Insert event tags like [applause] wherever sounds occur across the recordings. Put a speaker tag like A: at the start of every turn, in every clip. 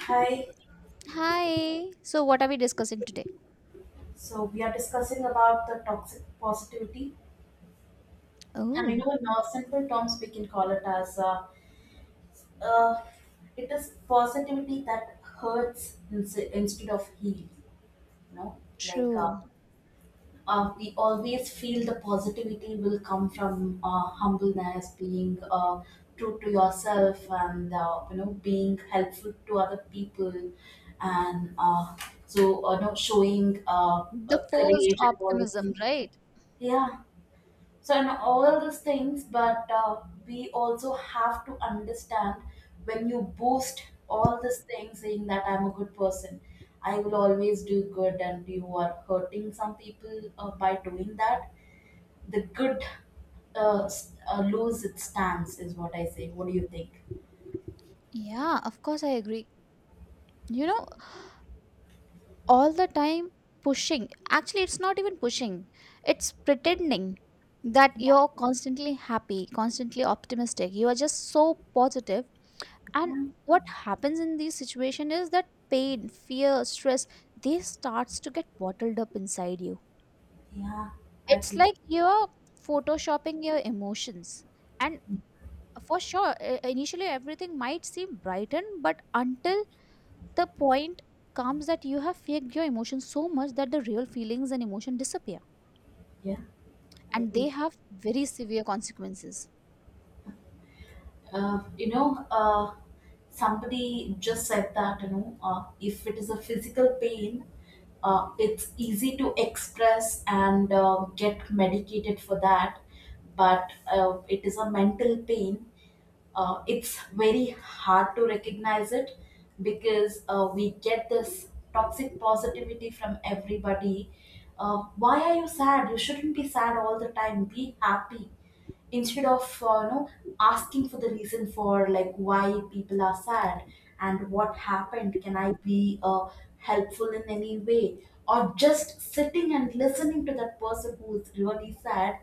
A: Hi.
B: Hi. So, what are we discussing today?
A: So we are discussing about the toxic positivity, and
B: Oh,
A: in our simple terms, we can call it as uh, it is positivity that hurts instead of heal. Know, like uh,
B: true.
A: we always feel the positivity will come from humbleness, being true to yourself, and being helpful to other people, and showing
B: The forced
A: courage and all these
B: optimism,
A: things.
B: right?
A: Yeah. So, and all these things, but we also have to understand when you boost all these things, saying that I'm a good person, I will always do good, and you are hurting some people by doing that. The good lose its stance, is what I say. What do you think?
B: Yeah, of course I agree. You know, all the time pushing. Actually, it's not even pushing, it's pretending that
A: Yeah,
B: you're constantly happy, constantly optimistic. You are just so positive. And
A: yeah,
B: what happens in these situations is that pain, fear, stress, they starts to get bottled up inside you.
A: yeah. I
B: It's
A: agree.
B: like you're photoshopping your emotions. And for sure initially everything might seem brightened, but until the point comes that you have faked your emotions so much that the real feelings and emotion disappear,
A: Yeah, I
B: and
A: agree.
B: they have very severe consequences.
A: Uh, you know, uh, Somebody just said that if it is a physical pain, it's easy to express and get medicated for that. But it is a mental pain. It's very hard to recognize it because we get this toxic positivity from everybody. Why are you sad? You shouldn't be sad all the time. Be happy instead of uh, you know asking for the reason, for like why people are sad and what happened. Can I be helpful in any way, or just sitting and listening to that person who is really sad,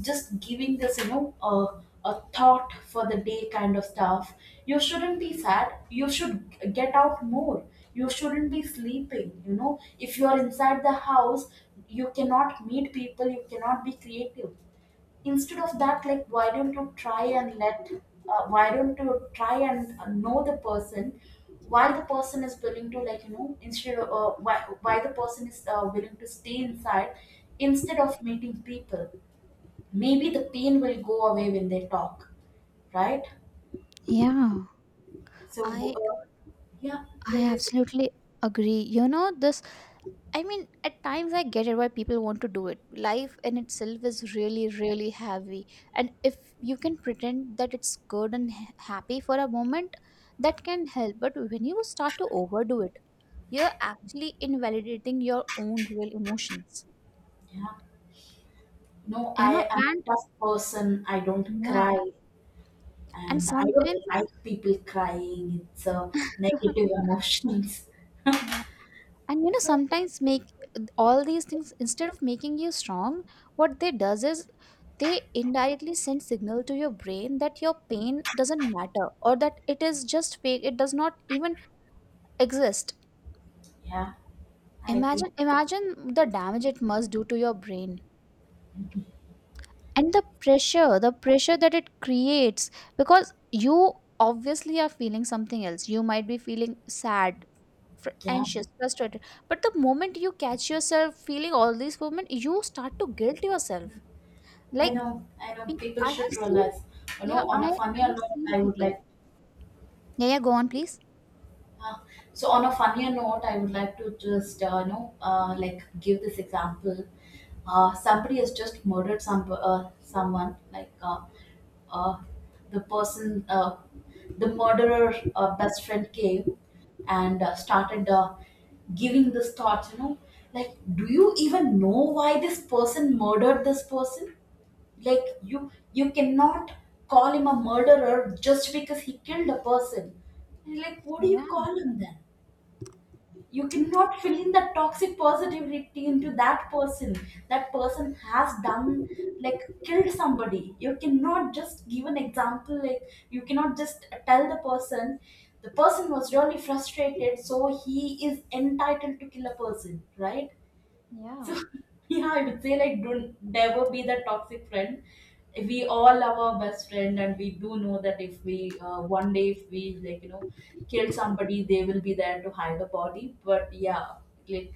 A: just giving this a thought for the day kind of stuff? You shouldn't be sad, you should get out more, you shouldn't be sleeping, if you are inside the house, you cannot meet people, you cannot be creative. Instead of that, like, why don't you try and know the person, why the person is willing to, instead of why the person is willing to stay inside instead of meeting people. Maybe the pain will go away when they talk, right?
B: Yeah,
A: So,
B: I
A: yeah, what
B: I
A: do you say?
B: absolutely agree. You know, this, at times I get it why people want to do it. Life in itself is really, really heavy. And if you can pretend that it's good and happy for a moment, that can help. But when you start to overdo it, you're actually invalidating your own real emotions.
A: Yeah. No,
B: You
A: I
B: know,
A: am a
B: and
A: tough person, I don't
B: yeah,
A: cry,
B: and
A: and I don't
B: sometimes
A: like people crying, it's a negative
B: [laughs]
A: [laughs] emotions.
B: yeah, and you know sometimes make all these things, instead of making you strong, what they does is they indirectly send signal to your brain that your pain doesn't matter, or that it is just fake, it does not even exist.
A: Yeah, I agree.
B: Imagine the damage it must do to your brain, and the pressure that it creates, because you obviously are feeling something else. You might be feeling sad,
A: Yeah.
B: anxious, frustrated. But the moment you catch yourself feeling all these moments, you start to guilt
A: Mm.
B: yourself.
A: I
B: Like
A: know. I know.
B: pe-
A: People
B: I have
A: should
B: seen,
A: realize. You know,
B: yeah,
A: on a
B: I
A: funnier
B: have
A: note,
B: seen
A: I would
B: people.
A: like.
B: Yeah, yeah, go on please.
A: Uh, so on a funnier note, I would like to just like give this example. Somebody has just murdered someone, like uh, the person uh, the murderer, best friend came and started giving this thought, like, do you even know why this person murdered this person? Like, you cannot call him a murderer just because he killed a person. And like, what do you
B: Yeah,
A: call him then? You cannot fill in the toxic positivity into that person. That person has done, like, killed somebody. You cannot just give an example like, you cannot just tell the person, the person was really frustrated so he is entitled to kill a person, right?
B: yeah.
A: So [laughs] yeah, I would say, like, don't never be the toxic friend. We all love our best friend, and we do know that if we one day if we like you know kill somebody, they will be there to hide the body. But yeah, like,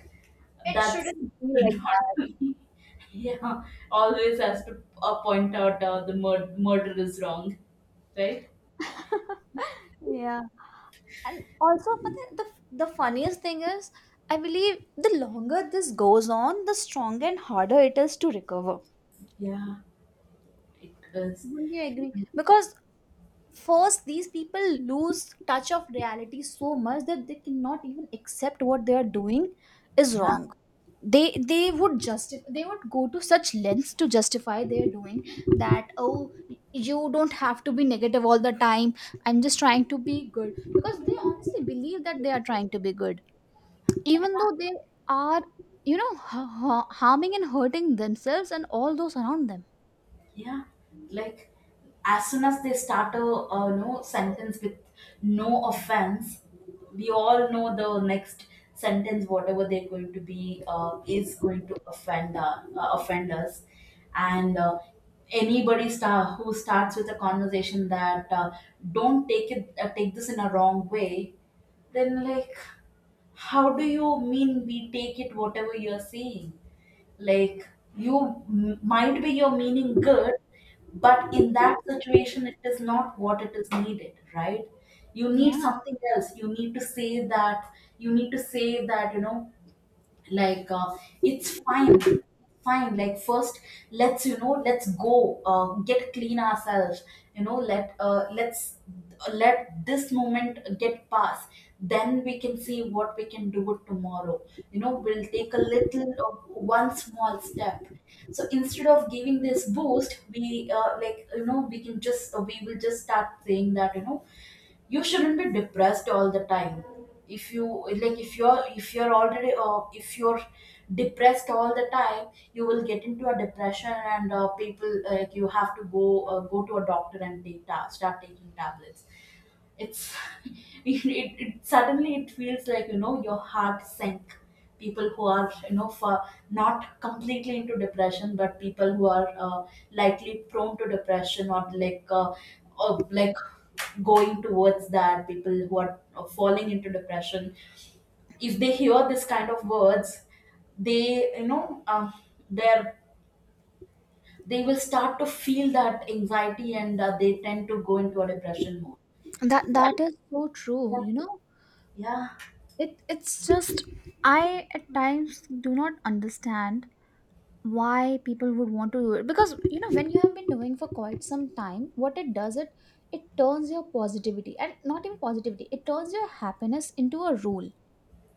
B: It
A: that's
B: shouldn't be
A: [laughs] should
B: like
A: not
B: that.
A: be. [laughs] Yeah, always has to point out the murder is wrong, right?
B: Yeah. And also, but the funniest thing is, I believe the longer this goes on, the stronger and harder it is to recover.
A: Yeah, it is.
B: Wouldn't you agree? Because first these people lose touch of reality so much that they cannot even accept what they are doing is wrong. They would just, they would go to such lengths to justify their doing, that oh, you don't have to be negative all the time, I'm just trying to be good. Because they honestly believe that they are trying to be good, even though they are, you know, harming and hurting themselves and all those around them.
A: Yeah, like, as soon as they start a no sentence with no offense, we all know the next sentence, whatever they're going to be, is going to offend us. And anybody star who starts with a conversation that don't take it, take this in a wrong way. Then, like, how do you mean we take it, whatever you're saying? Like, you might be your meaning good, but in that situation, it is not what it is needed, right? You need
B: Yeah,
A: something else. You need to say that. You need to say that. Like uh, it's Fine like, first, let's you know let's go get clean ourselves. Let's let this moment get past, then we can see what we can do it tomorrow. We'll take a little of one small step. So instead of giving this boost, we like you know we can just we will just start saying that, you shouldn't be depressed all the time. If you like if you're already if you're depressed all the time, you will get into a depression, and people like you have to go to a doctor and start taking tablets. It's [laughs] it suddenly it feels your heart sank. People who are, for, not completely into depression, but people who are likely prone to depression, or like going towards that, people who are falling into depression, if they hear this kind of words, they you know they're they will start to feel that anxiety, and they tend to go into a depression mode.
B: that
A: So,
B: that is so true, you
A: yeah,
B: know.
A: yeah,
B: It it's just, I at times do not understand why people would want to do it, because you know, when you have been doing for quite some time, what it does, it turns your positivity, and not even positivity, it turns your happiness into a rule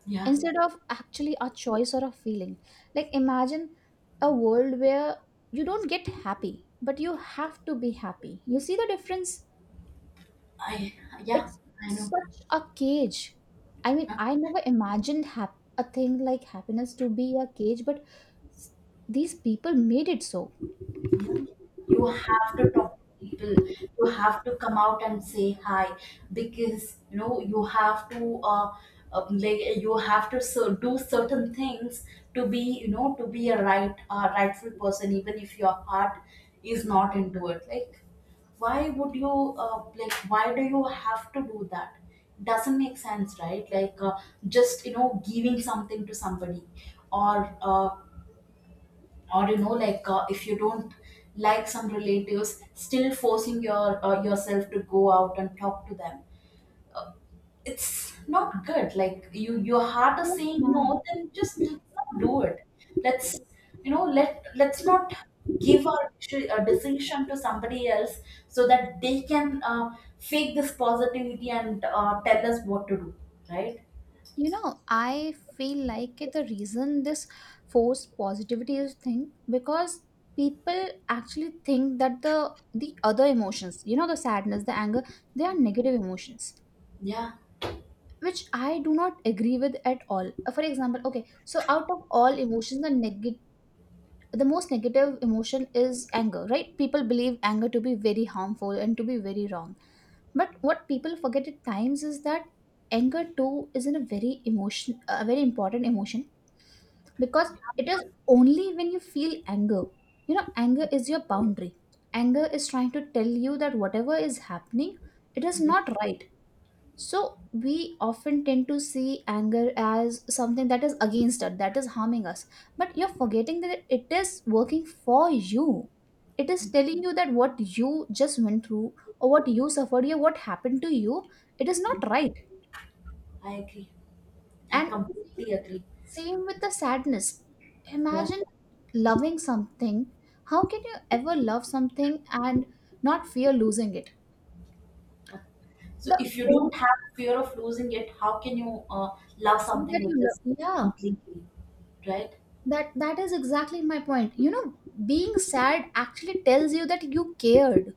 A: yeah.
B: instead of actually a choice or a feeling. Like imagine a world where you don't get happy, but you have to be happy. You see the difference?
A: I yeah,
B: It's
A: I know.
B: such a cage. I mean,
A: Huh?
B: I never imagined a thing like happiness to be a cage, but s- these people made it so.
A: Yeah. You have to talk to people. You have to come out and say hi, because you have to do certain things to be, to be a rightful person, even if your heart is not into it. Like, why would you why do you have to do that? Doesn't make sense, right? Like, just, giving something to somebody, or uh, or if you don't, like some relatives still forcing yourself to go out and talk to them. It's not good. Like, your heart
B: It
A: is
B: is
A: saying
B: now.
A: no, then just let's not do it. Let's you know let let's not give a decision to somebody else, so that they can fake this positivity and tell us what to do, right?
B: You know, I feel like the reason this forced positivity is thing, because people actually think that the other emotions, you know, the sadness, the anger, they are negative emotions,
A: Yeah,
B: which I do not agree with at all. For example, okay, so out of all emotions, the most negative emotion is anger, right? People believe anger to be very harmful and to be very wrong. But what people forget at times is that anger too isn't a very important emotion, because it is only when you feel anger, you know, anger is your boundary. Anger is trying to tell you that whatever is happening, it is
A: yeah,
B: not right. So we often tend to see anger as something that is against us, that is harming us. But you're forgetting that it is working for you. It is telling you that what you just went through or what you suffered or what happened to you, it is
A: yeah.
B: not right.
A: I agree. I
B: And same,
A: completely agree.
B: same with the sadness.
A: Yeah.
B: Imagine loving something. How can you ever love something and not fear losing it?
A: So
B: The
A: if you
B: only
A: don't have fear of losing it, how can you love
B: thing
A: something
B: that
A: which
B: you
A: is
B: love, yeah,
A: completely right?
B: that that is exactly my point, you know. Being sad actually tells you that you cared.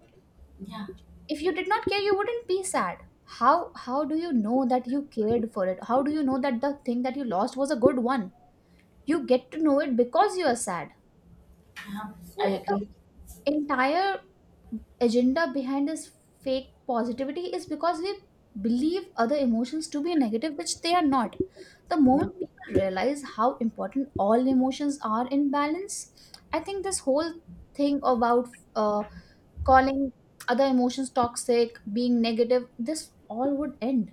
A: Yeah,
B: If you did not care, you wouldn't be sad. How do you know that you cared for it? How do you know that the thing that you lost was a good one? You get to know it because you are sad.
A: yeah, I
B: So the
A: agree.
B: entire agenda behind this fake positivity is because we believe other emotions to be negative, which they are not. The
A: Yeah,
B: moment people realize how important all emotions are in balance, I think this whole thing about uh, calling other emotions toxic, being negative, this all would end.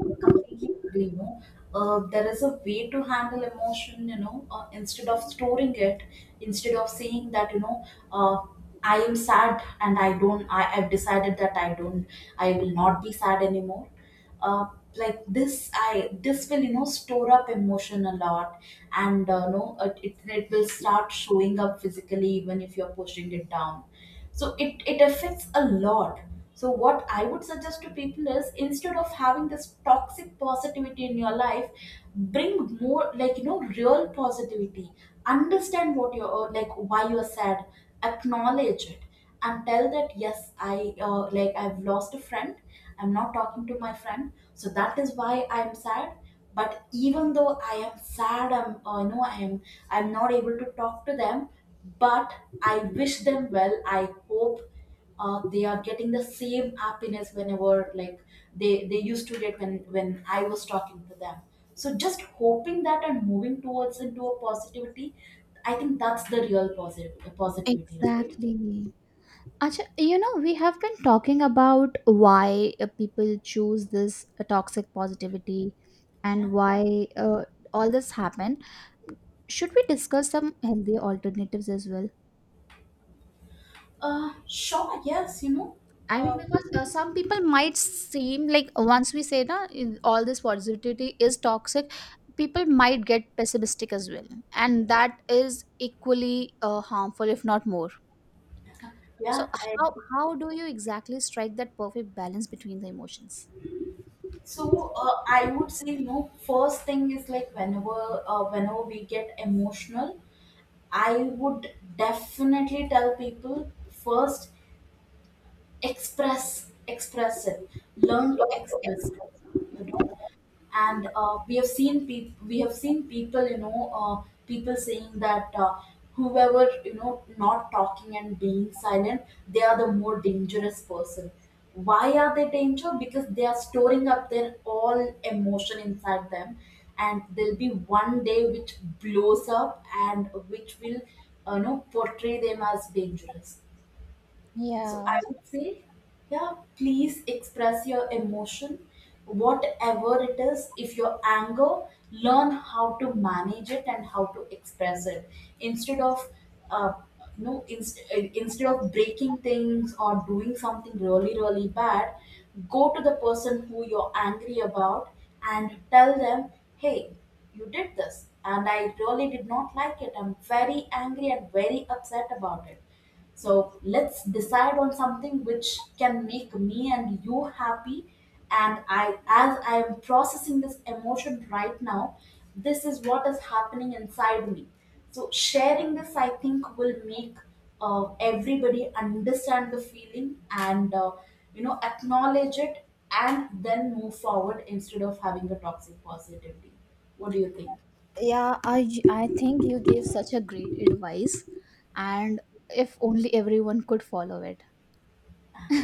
A: I completely agree. There is a way to handle emotion. Instead of storing it, instead of saying that, uh, I am sad and I don't. I have decided that I don't. I will not be sad anymore. Uh, like this, I this will store up emotion a lot, and no, it will start showing up physically even if you're pushing it down. So it affects a lot. So what I would suggest to people is, instead of having this toxic positivity in your life, bring more, real positivity. Understand what you're like why you're sad. Acknowledge it and tell that, yes, I've lost a friend, I'm not talking to my friend, so that is why I'm sad. But even though I am sad, I'm you know I am I'm not able to talk to them. But I wish them well. I hope they are getting the same happiness whenever, like, they used to get when I was talking to them. So just hoping that and moving towards into a positivity, I think that's the real positive positivity, right?
B: Exactly. Acha, you know, we have been talking about why people choose this toxic positivity,
A: Yeah.
B: and why all this happened. Should we discuss some healthy alternatives as well?
A: Sure, yes.
B: I mean,
A: Uh,
B: because some people might seem like, once we say that all this positivity is toxic, people might get pessimistic as well, and that is equally harmful, if not more. So
A: yeah, I
B: how do you exactly strike that perfect balance between the emotions?
A: so I would say, first thing is, like, whenever we get emotional, I would definitely tell people, first, express it. Learn to express it, you know and we have seen people, saying that, whoever, not talking and being silent, they are the more dangerous person. Why are they danger? Because they are storing up their all emotion inside them, and there'll be one day which blows up and which will portray them as dangerous. So
B: Yeah,
A: I would say, yeah, please express your emotion, whatever it is. If your anger, learn how to manage it and how to express it, instead of, uh, you know, inst- instead of breaking things or doing something really, really bad. Go to the person who you're angry about and tell them, hey, you did this and I really did not like it. I'm very angry and very upset about it, so let's decide on something which can make me and you happy. And I, as I am processing this emotion right now, this is what is happening inside me. So sharing this, I think, will make everybody understand the feeling, and acknowledge it, and then move forward instead of having a toxic positivity. What do you think?
B: yeah, I think you gave such a great advice, and if only everyone could follow it.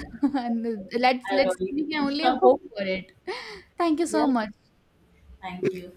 B: [laughs] And let's
A: I
B: let's
A: really.
B: we can only hope
A: [laughs]
B: for it. Thank you
A: Yeah.
B: so much.
A: Thank you.